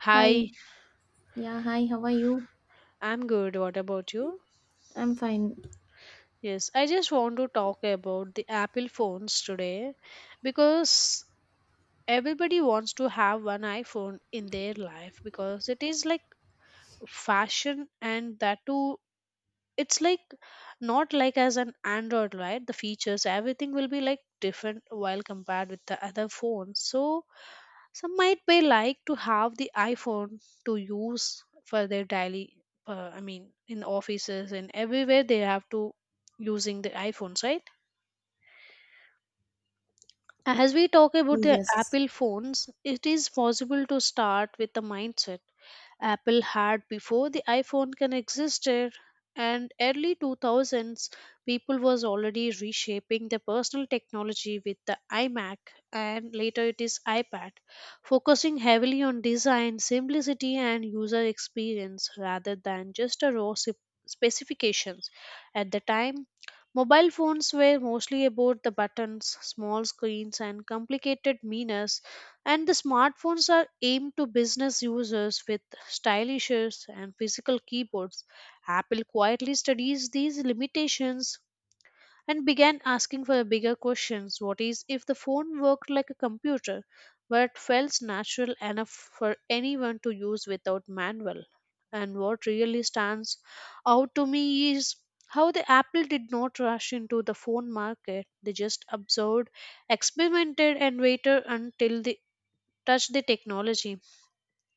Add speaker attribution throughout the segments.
Speaker 1: Hi,
Speaker 2: Hi. Yeah, hi. How are you?
Speaker 1: I'm good. What about you?
Speaker 2: I'm fine.
Speaker 1: Yes, I just want to talk about the Apple phones today because everybody wants to have one iPhone in their life because it is like fashion and that too it's like not like as an Android, right? The features, everything will be like different while compared with the other phones. So some might may like to have the iPhone to use for their daily, in offices and everywhere they have to using the iPhones, right? As we talk about the
Speaker 2: Yes.
Speaker 1: Apple phones, it is possible to start with the mindset Apple had before the iPhone can existed and early 2000s people was already reshaping their personal technology with the iMac and later it is iPad, focusing heavily on design simplicity and user experience rather than just a raw specifications at the time. Mobile phones were mostly about the buttons, small screens, and complicated menus, and the smartphones are aimed to business users with stylish and physical keyboards. Apple quietly studies these limitations and began asking for bigger questions. What is if the phone worked like a computer but felt natural enough for anyone to use without manual? And what really stands out to me is how the Apple did not rush into the phone market. They just observed, experimented, and waited until they touched the technology,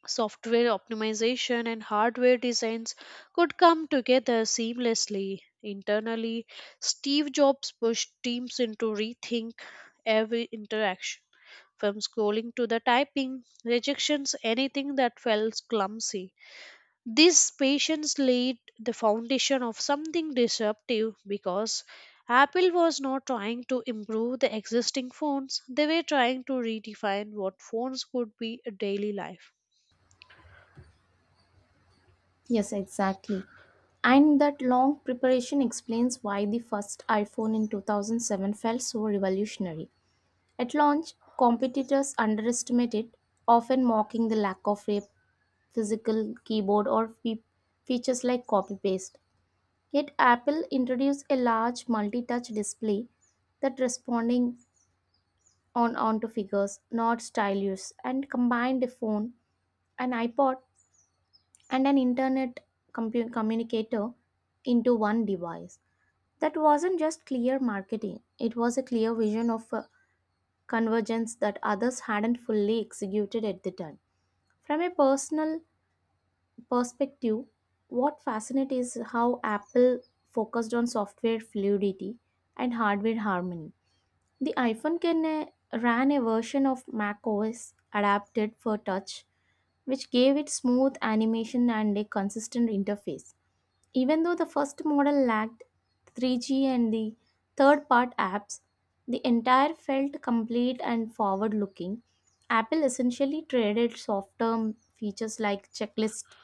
Speaker 1: software optimization and hardware designs could come together seamlessly. Internally, Steve Jobs pushed teams into rethink every interaction. From scrolling to the typing, rejections, anything that felt clumsy. These patience laid the foundation of something disruptive because Apple was not trying to improve the existing phones, they were trying to redefine what phones could be a daily life.
Speaker 2: Yes, exactly. And that long preparation explains why the first iPhone in 2007 felt so revolutionary. At launch, competitors underestimated, often mocking the lack of a physical keyboard or features like copy paste. Yet, Apple introduced a large multi touch display that responding on onto figures, not stylus, and combined a phone, an iPod, and an internet communicator into one device. That wasn't just clear marketing, it was a clear vision of a convergence that others hadn't fully executed at the time. From a personal perspective, what fascinates is how Apple focused on software fluidity and hardware harmony. The iPhone can ran a version of macOS adapted for touch, which gave it smooth animation and a consistent interface. Even though the first model lacked 3G and the third part apps, the entire felt complete and forward looking. Apple essentially traded short term features like checklist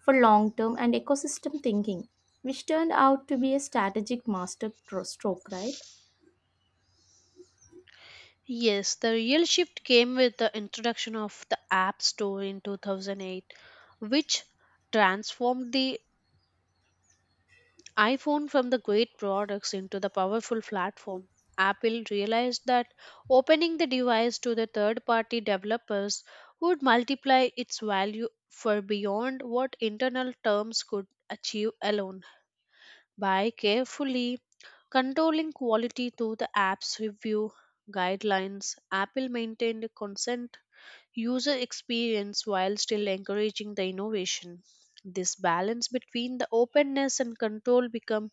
Speaker 2: for long term and ecosystem thinking, which turned out to be a strategic master stroke, right?
Speaker 1: Yes, the real shift came with the introduction of the App Store in 2008, which transformed the iPhone from the great products into the powerful platform. Apple realized that opening the device to the third party developers would multiply its value for beyond what internal terms could achieve alone. By carefully controlling quality through the app's review guidelines, Apple maintained a consent user experience while still encouraging the innovation. This balance between the openness and control become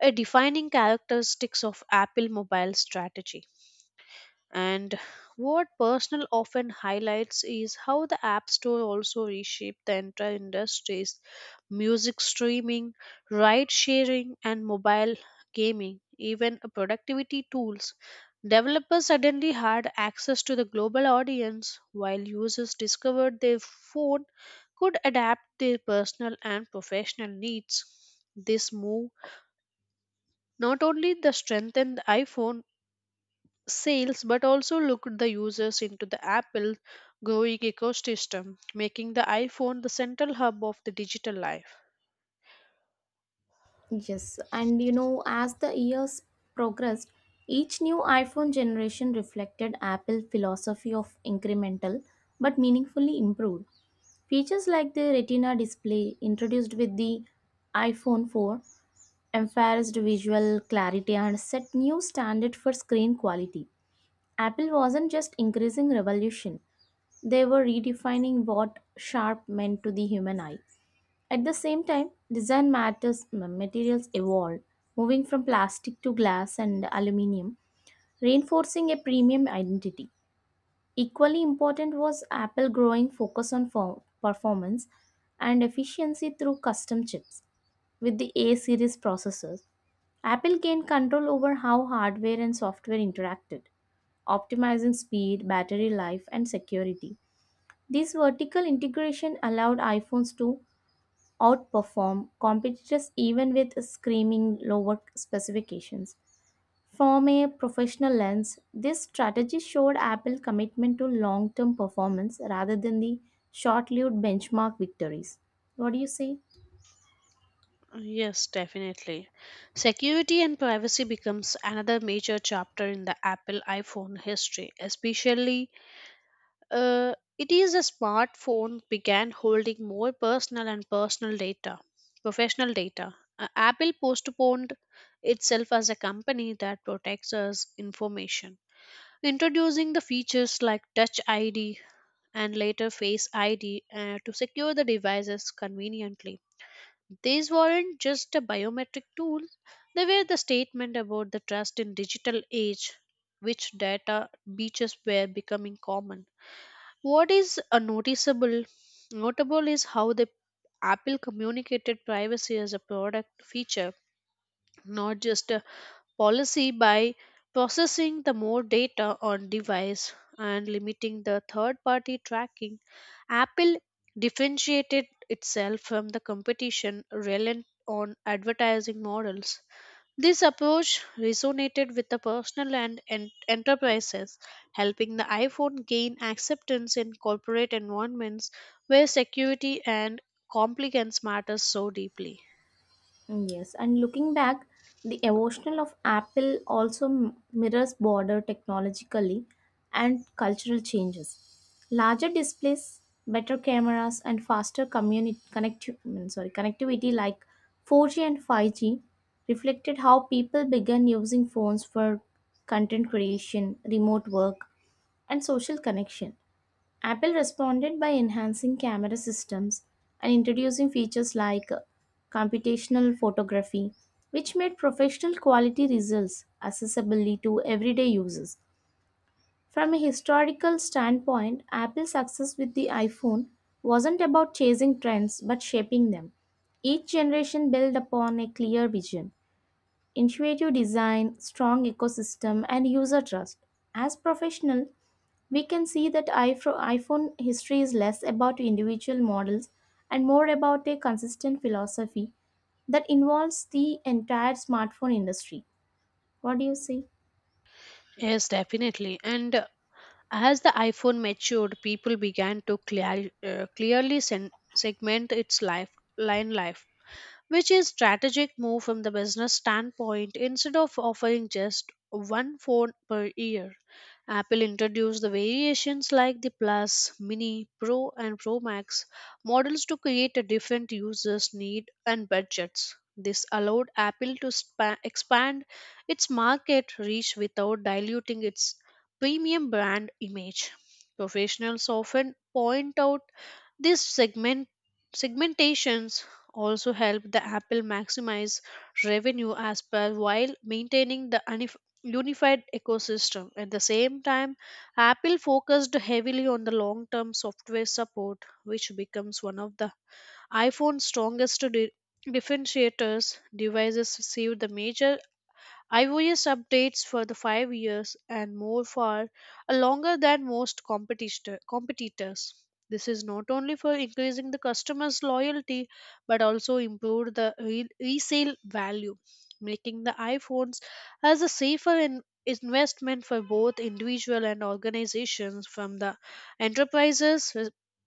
Speaker 1: a defining characteristics of Apple mobile strategy. And what personal often highlights is how the App Store also reshaped the entire industries, music streaming, ride sharing, and mobile gaming, even productivity tools. Developers suddenly had access to the global audience while users discovered their phone could adapt their personal and professional needs. This move not only the strengthened the iPhone sales but also looked the users into the Apple growing ecosystem, making the iPhone the central hub of the digital life.
Speaker 2: Yes, and you know, as the years progressed, each new iPhone generation reflected Apple philosophy of incremental but meaningfully improved. Features like the Retina display introduced with the iPhone 4 emphasized visual clarity and set new standard for screen quality. Apple wasn't just increasing revolution, they were redefining what sharp meant to the human eye. At the same time, design matters materials evolved, moving from plastic to glass and aluminum, reinforcing a premium identity. Equally important was Apple growing focus on performance and efficiency through custom chips. With the A series processors, Apple gained control over how hardware and software interacted optimizing speed, battery life, and security. This vertical integration allowed iPhones to outperform competitors even with screaming lower specifications. From a professional lens, this strategy showed Apple's commitment to long term performance rather than the short lived benchmark victories. What do you say?
Speaker 1: Yes, definitely. Security and privacy becomes another major chapter in the Apple iPhone history, especially it is a smartphone began holding more personal and personal data, professional data. Apple postponed itself as a company that protects us information, introducing the features like Touch ID and later Face ID to secure the devices conveniently. These weren't just a biometric tool, they were the statement about the trust in digital age, which data breaches were becoming common. What is a noticeable notable is how the Apple communicated privacy as a product feature, not just a policy, by processing the more data on device and limiting the third party tracking. Apple differentiated itself from the competition reliant on advertising models. This approach resonated with the personal and enterprises, helping the iPhone gain acceptance in corporate environments where security and compliance matters so deeply.
Speaker 2: Yes, and looking back, the evolution of Apple also mirrors broader technologically and cultural changes. Larger displays, better cameras, and faster connectivity like 4G and 5G reflected how people began using phones for content creation, remote work, and social connection. Apple responded by enhancing camera systems and introducing features like computational photography, which made professional quality results accessible to everyday users. From a historical standpoint, Apple's success with the iPhone wasn't about chasing trends but shaping them. Each generation built upon a clear vision, intuitive design, strong ecosystem, and user trust. As professionals, we can see that iPhone history is less about individual models and more about a consistent philosophy that involves the entire smartphone industry. What do you say?
Speaker 1: Yes, definitely. And as the iPhone matured, people began to clearly segment its life, line life, which is strategic move from the business standpoint. Instead of offering just one phone per year, Apple introduced the variations like the Plus, Mini, Pro and Pro Max models to create a different users need and budgets. This allowed Apple to expand its market reach without diluting its premium brand image. Professionals often point out these segmentations also helped the Apple maximize revenue as per while maintaining the unified ecosystem. At the same time, Apple focused heavily on the long term software support, which becomes one of the iPhone's strongest differentiators. Devices received the major iOS updates for the 5 years and more far are longer than most competitors. This is not only for increasing the customer's loyalty but also improved the resale value, making the iPhones as a safer investment for both individual and organizations. From the enterprises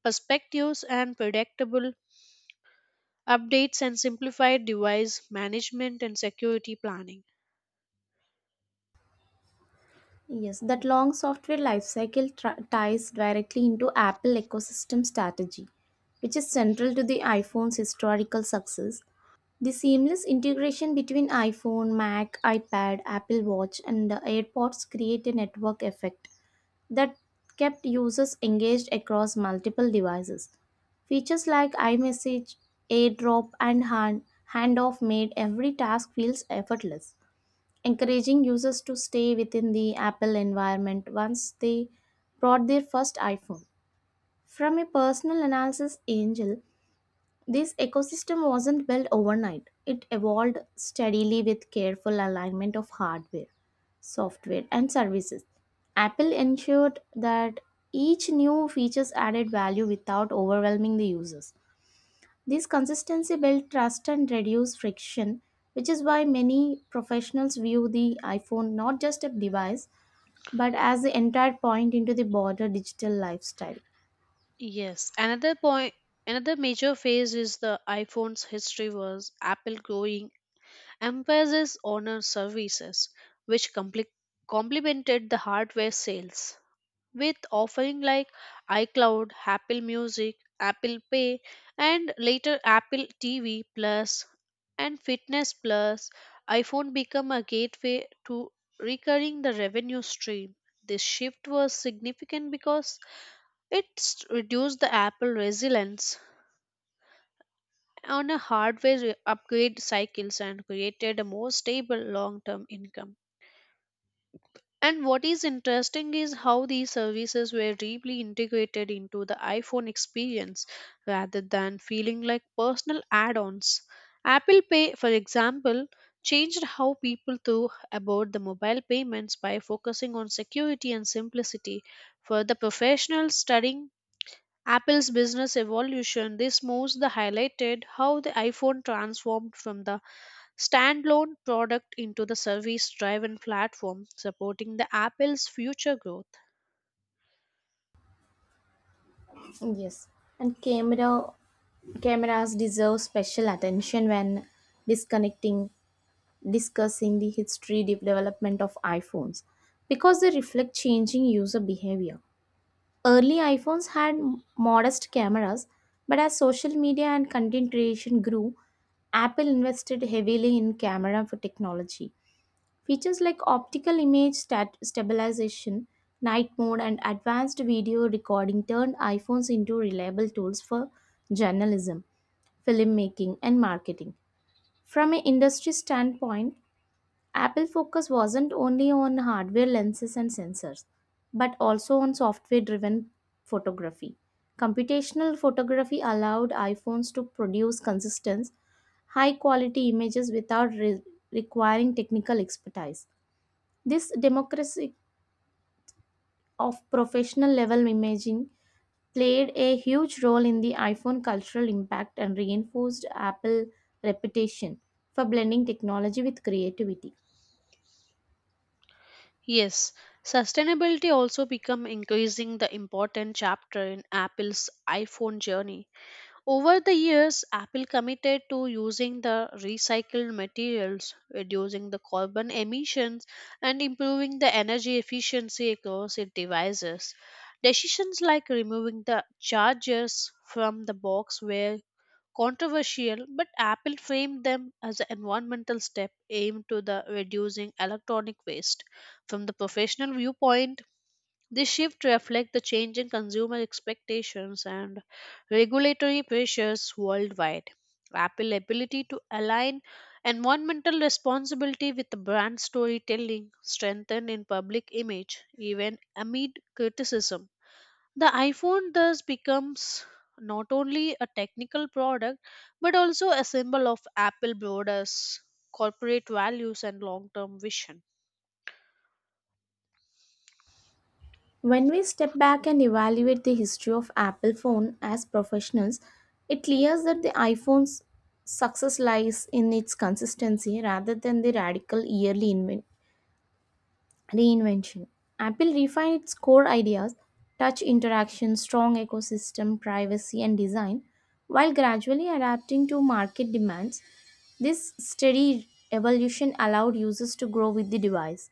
Speaker 1: perspectives and predictable updates and simplified device management and security planning.
Speaker 2: Yes, that long software lifecycle ties directly into Apple ecosystem strategy, which is central to the iPhone's historical success. The seamless integration between iPhone, Mac, iPad, Apple Watch, and the AirPods create a network effect that kept users engaged across multiple devices. Features like iMessage, AirDrop, and Handoff made every task feels effortless, encouraging users to stay within the Apple environment once they brought their first iPhone. From a personal analysis angel, this ecosystem wasn't built overnight. It evolved steadily with careful alignment of hardware, software, and services. Apple ensured that each new features added value without overwhelming the users. This consistency built trust and reduced friction, which is why many professionals view the iPhone not just a device but as the entire point into the broader digital lifestyle.
Speaker 1: Yes, another point, another major phase is the iPhone's history was Apple growing emphasis on our services, which compli complemented the hardware sales with offering like iCloud, Apple Music, Apple Pay, and later Apple TV Plus and Fitness Plus. iPhone became a gateway to recurring the revenue stream. This shift was significant because it's reduced the Apple resilience on a hardware upgrade cycles and created a more stable long-term income. And what is interesting is how these services were deeply integrated into the iPhone experience rather than feeling like personal add-ons. Apple Pay, for example, changed how people thought about the mobile payments by focusing on security and simplicity. For the professionals studying Apple's business evolution, this moves the highlighted how the iPhone transformed from the standalone product into the service-driven platform, supporting the Apple's future growth.
Speaker 2: Yes, and cameras deserve special attention when disconnecting discussing the history development of iPhones because they reflect changing user behavior. Early iPhones had modest cameras, but as social media and content creation grew, Apple invested heavily in camera for technology. Features like optical image stabilization, night mode, and advanced video recording turned iPhones into reliable tools for journalism, filmmaking, and marketing. From an industry standpoint, Apple focus wasn't only on hardware lenses and sensors, but also on software driven photography. Computational photography allowed iPhones to produce consistent, high quality images without requiring technical expertise. This democracy of professional level imaging played a huge role in the iPhone cultural impact and reinforced Apple reputation for blending technology with creativity.
Speaker 1: Yes, sustainability also become increasing the important chapter in Apple's iPhone journey. Over the years, Apple committed to using the recycled materials, reducing the carbon emissions, and improving the energy efficiency across its devices. Decisions like removing the chargers from the box were controversial, but Apple framed them as an environmental step aimed to the reducing electronic waste. From the professional viewpoint, this shift reflects the change in consumer expectations and regulatory pressures worldwide. Apple's ability to align environmental responsibility with the brand storytelling strengthened in public image, even amid criticism. The iPhone thus becomes not only a technical product but also a symbol of Apple broader corporate values and long term vision.
Speaker 2: When we step back and evaluate the history of Apple phone as professionals, it clears that the iPhone's success lies in its consistency rather than the radical yearly reinvention. Apple refined its core ideas touch interaction, strong ecosystem, privacy, and design while gradually adapting to market demands. This steady evolution allowed users to grow with the device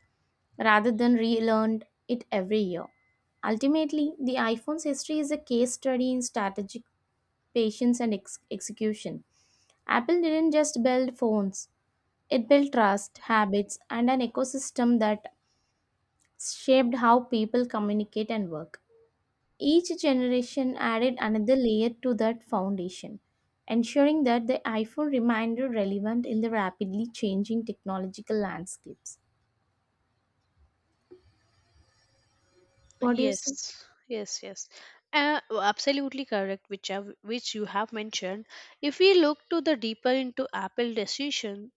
Speaker 2: rather than relearn it every year. Ultimately, the iPhone's history is a case study in strategic patience and execution. Apple didn't just build phones, it built trust, habits, and an ecosystem that shaped how people communicate and work. Each generation added another layer to that foundation, ensuring that the iPhone remained relevant in the rapidly changing technological landscapes. What do you say?
Speaker 1: Yes, yes, yes. Absolutely correct, which have, which you have mentioned. If we look to the deeper into Apple decision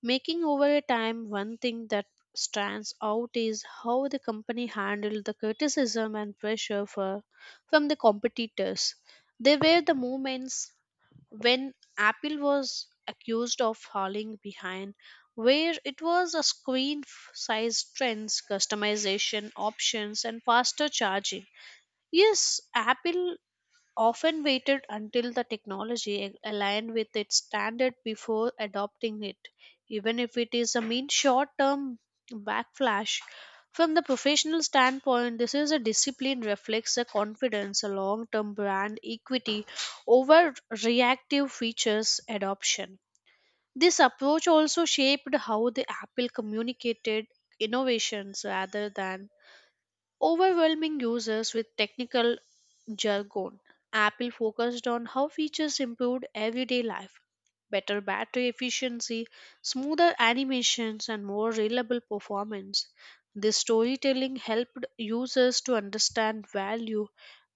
Speaker 1: making over a time, one thing that stands out is how the company handled the criticism and pressure for from the competitors. They were the moments when Apple was accused of falling behind, where it was a screen size trends, customization options, and faster charging. Yes, Apple often waited until the technology aligned with its standard before adopting it, even if it is a mean short term backlash. From the professional standpoint, this is a discipline reflects a confidence, a long term brand equity over reactive features adoption. This approach also shaped how the Apple communicated innovations rather than overwhelming users with technical jargon. Apple focused on how features improved everyday life, better battery efficiency, smoother animations, and more reliable performance. This storytelling helped users to understand value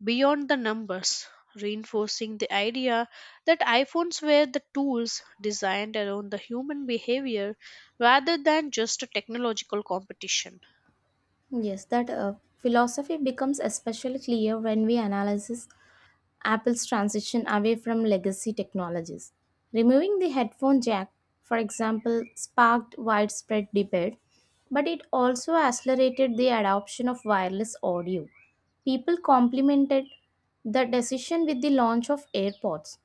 Speaker 1: beyond the numbers, reinforcing the idea that iPhones were the tools designed around the human behavior rather than just a technological competition.
Speaker 2: Yes, that philosophy becomes especially clear when we analyze Apple's transition away from legacy technologies. Removing the headphone jack, for example, sparked widespread debate, but it also accelerated the adoption of wireless audio. People complimented the decision with the launch of AirPods,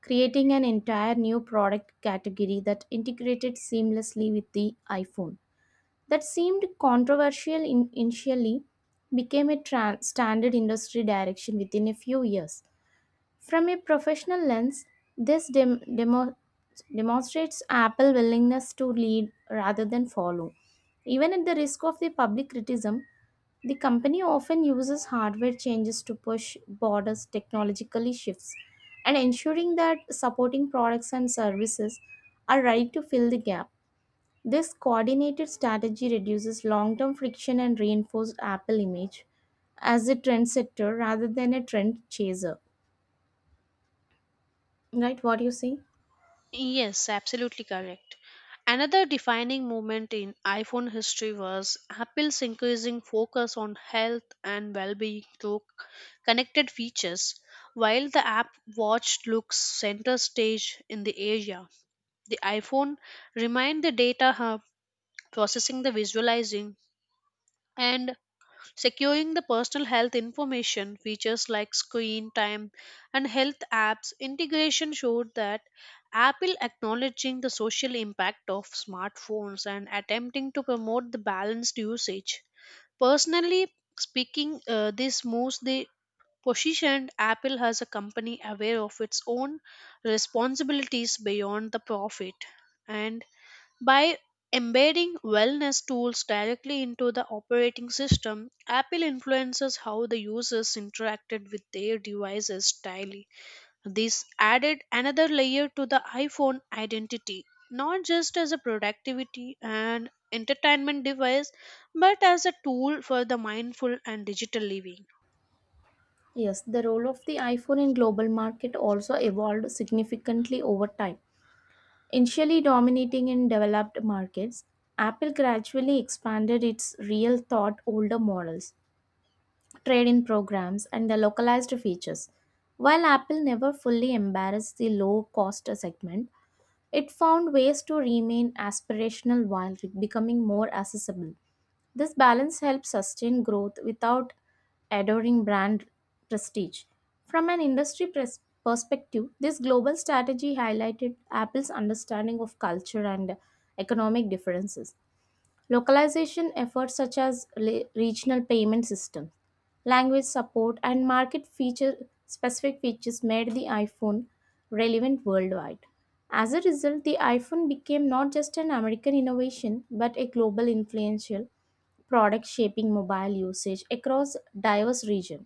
Speaker 2: creating an entire new product category that integrated seamlessly with the iPhone. That seemed controversial initially, became a standard industry direction within a few years. From a professional lens, this demonstrates Apple's willingness to lead rather than follow. Even at the risk of the public criticism, the company often uses hardware changes to push borders technologically shifts and ensuring that supporting products and services are ready to fill the gap. This coordinated strategy reduces long-term friction and reinforces Apple image as a trendsetter rather than a trend chaser. Right, what you see?
Speaker 1: Yes, absolutely correct. Another defining moment in iPhone history was Apple's increasing focus on health and well-being through connected features. While the app Watch looks center stage in the area, the iPhone remained the data hub, processing the visualizing and securing the personal health information. Features like screen time and health apps integration showed that Apple acknowledging the social impact of smartphones and attempting to promote the balanced usage. Personally speaking, this moves the positioned Apple as a company aware of its own responsibilities beyond the profit, and by embedding wellness tools directly into the operating system, Apple influences how the users interacted with their devices daily. This added another layer to the iPhone identity, not just as a productivity and entertainment device, but as a tool for the mindful and digital living.
Speaker 2: Yes, the role of the iPhone in global market also evolved significantly over time. Initially dominating in developed markets, Apple gradually expanded its real thought older models, trade-in programs, and the localized features. While Apple never fully embarrassed the low-cost segment, it found ways to remain aspirational while becoming more accessible. This balance helps sustain growth without adoring brand prestige. From an industry perspective, this global strategy highlighted Apple's understanding of culture and economic differences. Localization efforts such as regional payment systems, language support, and market feature specific features made the iPhone relevant worldwide. As a result, the iPhone became not just an American innovation but a global influential product shaping mobile usage across diverse regions.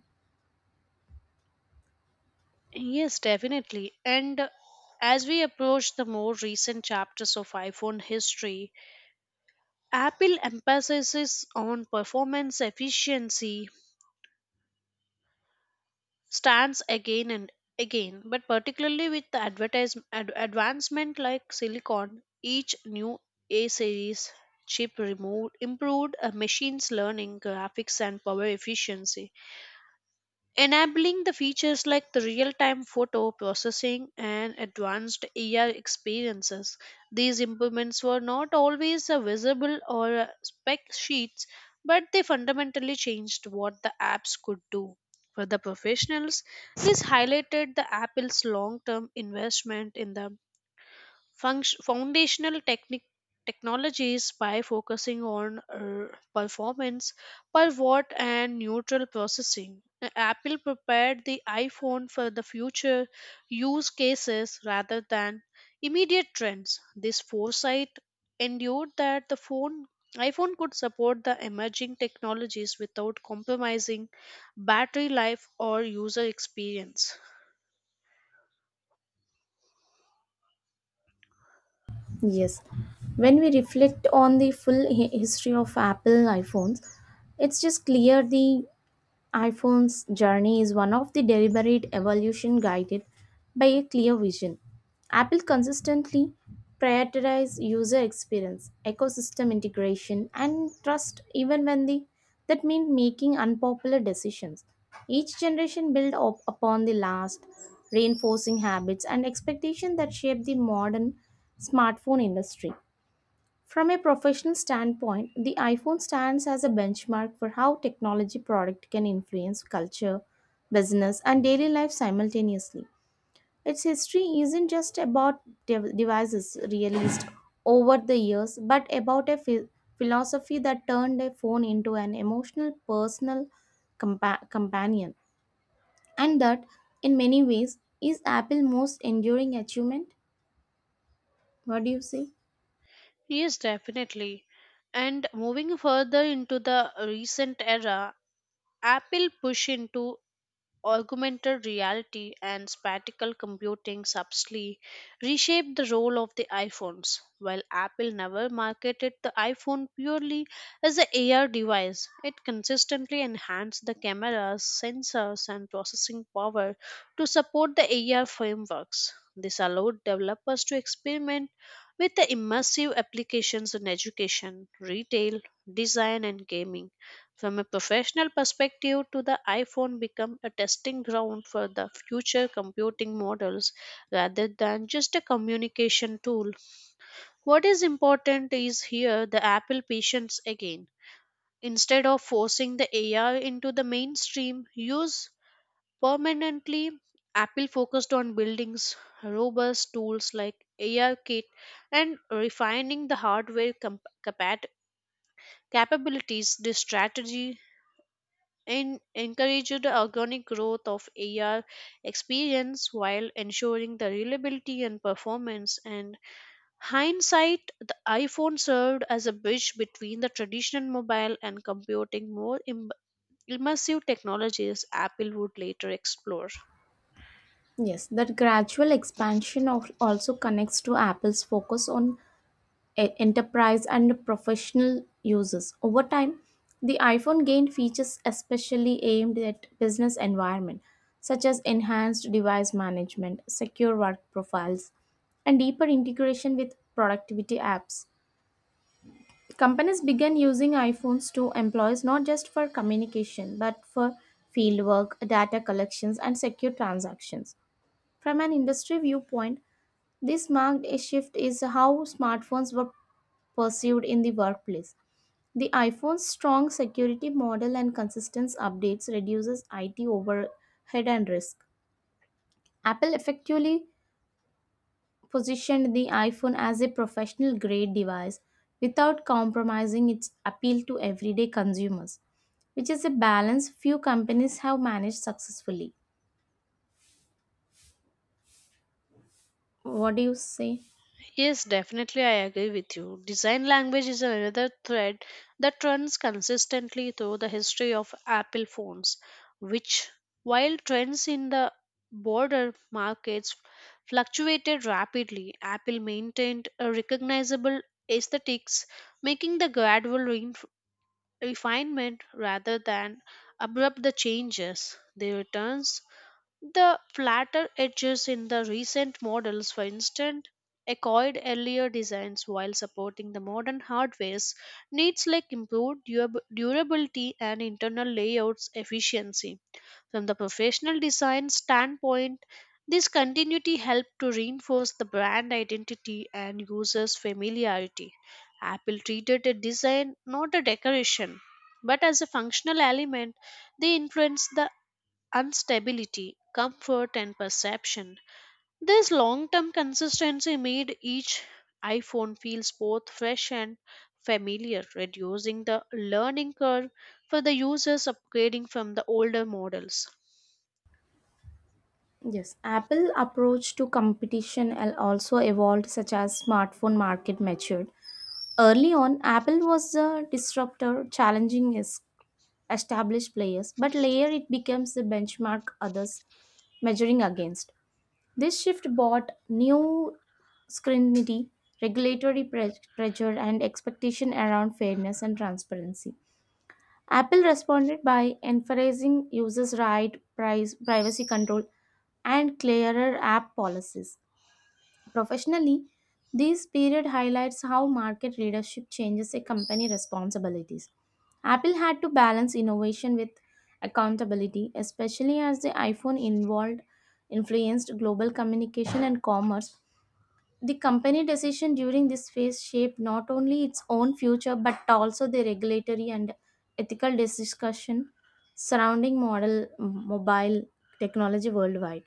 Speaker 1: Yes, definitely. And as we approach the more recent chapters of iPhone history, Apple emphasizes on performance efficiency stands again and again, but particularly with the advancement like silicon, each new A series chip removed improved machines learning graphics and power efficiency, enabling the features like the real-time photo processing and advanced AR experiences. These improvements were not always visible or spec sheets, but they fundamentally changed what the apps could do. For the professionals, this highlighted the Apple's long-term investment in the foundational technologies by focusing on performance per watt and neutral processing. Apple prepared the iPhone for the future use cases rather than immediate trends. This foresight endured that the phone iPhone could support the emerging technologies without compromising battery life or user experience.
Speaker 2: Yes, when we reflect on the full history of Apple iPhones, it's just clear the iPhone's journey is one of the deliberate evolution guided by a clear vision. Apple consistently prioritizes user experience, ecosystem integration, and trust even when that means making unpopular decisions. Each generation builds up upon the last, reinforcing habits and expectations that shape the modern smartphone industry. From a professional standpoint, the iPhone stands as a benchmark for how technology product can influence culture, business, and daily life simultaneously. Its history isn't just about devices released over the years, but about a philosophy that turned a phone into an emotional, personal companion, and that, in many ways, is Apple's most enduring achievement. What do you say?
Speaker 1: Yes, definitely. And moving further into the recent era, Apple push into augmented reality and spatial computing subtly reshaped the role of the iPhones. While Apple never marketed the iPhone purely as an AR device, it consistently enhanced the cameras, sensors, and processing power to support the AR frameworks. This allowed developers to experiment with the immersive applications in education, retail, design, and gaming, from a professional perspective, to the iPhone become a testing ground for the future computing models rather than just a communication tool. What is important is here the Apple patience again. Instead of forcing the AI into the mainstream, use permanently Apple focused on building robust tools like AR Kit and refining the hardware capabilities. This strategy and encouraged the organic growth of AR experience while ensuring the reliability and performance. And hindsight, the iPhone served as a bridge between the traditional mobile and computing more immersive technologies Apple would later explore.
Speaker 2: Yes, that gradual expansion of also connects to Apple's focus on enterprise and professional users. Over time, the iPhone gained features especially aimed at business environment, such as enhanced device management, secure work profiles, and deeper integration with productivity apps. Companies began using iPhones to employees not just for communication but for fieldwork, data collections, and secure transactions. From an industry viewpoint, this marked a shift is how smartphones were perceived in the workplace. The iPhone's strong security model and consistent updates reduces IT overhead and risk. Apple effectively positioned the iPhone as a professional grade device without compromising its appeal to everyday consumers, which is a balance few companies have managed successfully. What do you say?
Speaker 1: Yes, definitely, I agree with you. Design language is another thread that runs consistently through the history of Apple phones, which, while trends in the border markets fluctuated rapidly, Apple maintained a recognizable aesthetics, making the gradual refinement rather than abrupt the changes. They returns the flatter edges in the recent models, for instance, echoed earlier designs while supporting the modern hardware's needs like improved durability and internal layouts efficiency. From the professional design standpoint, this continuity helped to reinforce the brand identity and users' familiarity. Apple treated a design not a decoration, but as a functional element, they influenced the Unstability, comfort, and perception. This long term consistency made each iPhone feels both fresh and familiar, reducing the learning curve for the users upgrading from the older models.
Speaker 2: Yes, Apple approach to competition also evolved such as smartphone market matured. Early on, Apple was the disruptor challenging established players, but later it becomes the benchmark others measuring against. This shift brought new scrutiny, regulatory pressure and expectation around fairness and transparency. Apple responded by emphasizing users' right price, privacy control, and clearer app policies. Professionally, this period highlights how market leadership changes a company responsibilities. Apple had to balance innovation with accountability, especially as the iPhone involved influenced global communication and commerce. The company decision during this phase shaped not only its own future but also the regulatory and ethical discussion surrounding model mobile technology worldwide.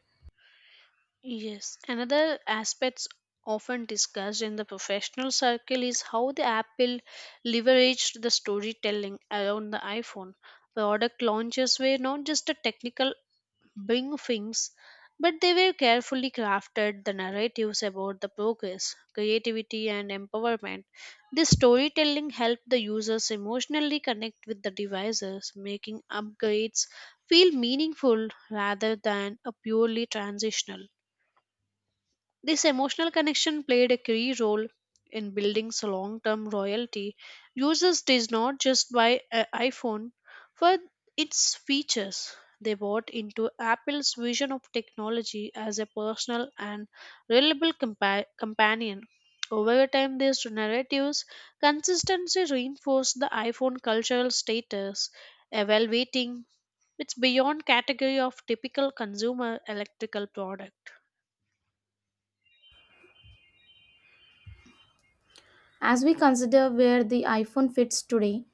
Speaker 1: Yes, another aspects often discussed in the professional circle is how the Apple leveraged the storytelling around the iPhone. Product launches were not just a technical bring films, but they were carefully crafted. The narratives about the progress, creativity, and empowerment. This storytelling helped the users emotionally connect with the devices, making upgrades feel meaningful rather than a purely transitional. This emotional connection played a key role in building so long-term royalty. Users did not just buy an iPhone for its features. They bought into Apple's vision of technology as a personal and reliable companion. Over time, these narratives consistently reinforced the iPhone cultural status, evaluating it's beyond category of typical consumer electrical product.
Speaker 2: As we consider where the iPhone fits today,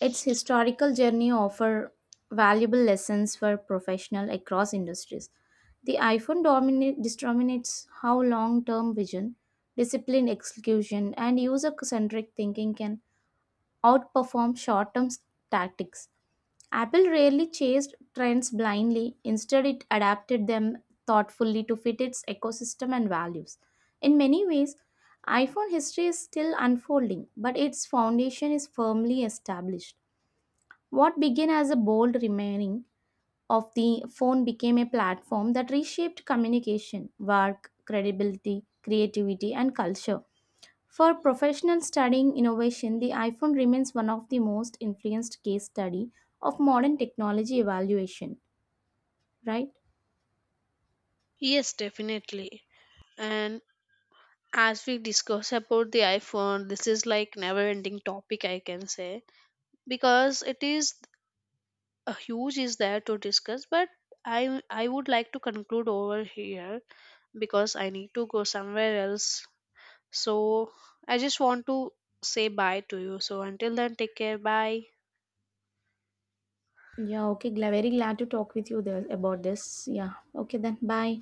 Speaker 2: its historical journey offers valuable lessons for professionals across industries. The iPhone dominate, discriminates how long-term vision, disciplined execution, and user-centric thinking can outperform short-term tactics. Apple rarely chased trends blindly. Instead, it adapted them thoughtfully to fit its ecosystem and values. In many ways, iPhone history is still unfolding, but its foundation is firmly established. What began as a bold remaining of the phone became a platform that reshaped communication, work, credibility, creativity, and culture. For professional studying innovation, the iPhone remains one of the most influenced case study of modern technology evaluation, right?
Speaker 1: Yes, definitely. And as we discuss about the iPhone, this is like never ending topic I can say, because it is a huge is there to discuss, but I would like to conclude over here because I need to go somewhere else. So I just want to say bye to you. So until then, take care. Bye.
Speaker 2: Yeah, okay, very glad to talk with you there about this. Yeah, okay then, bye.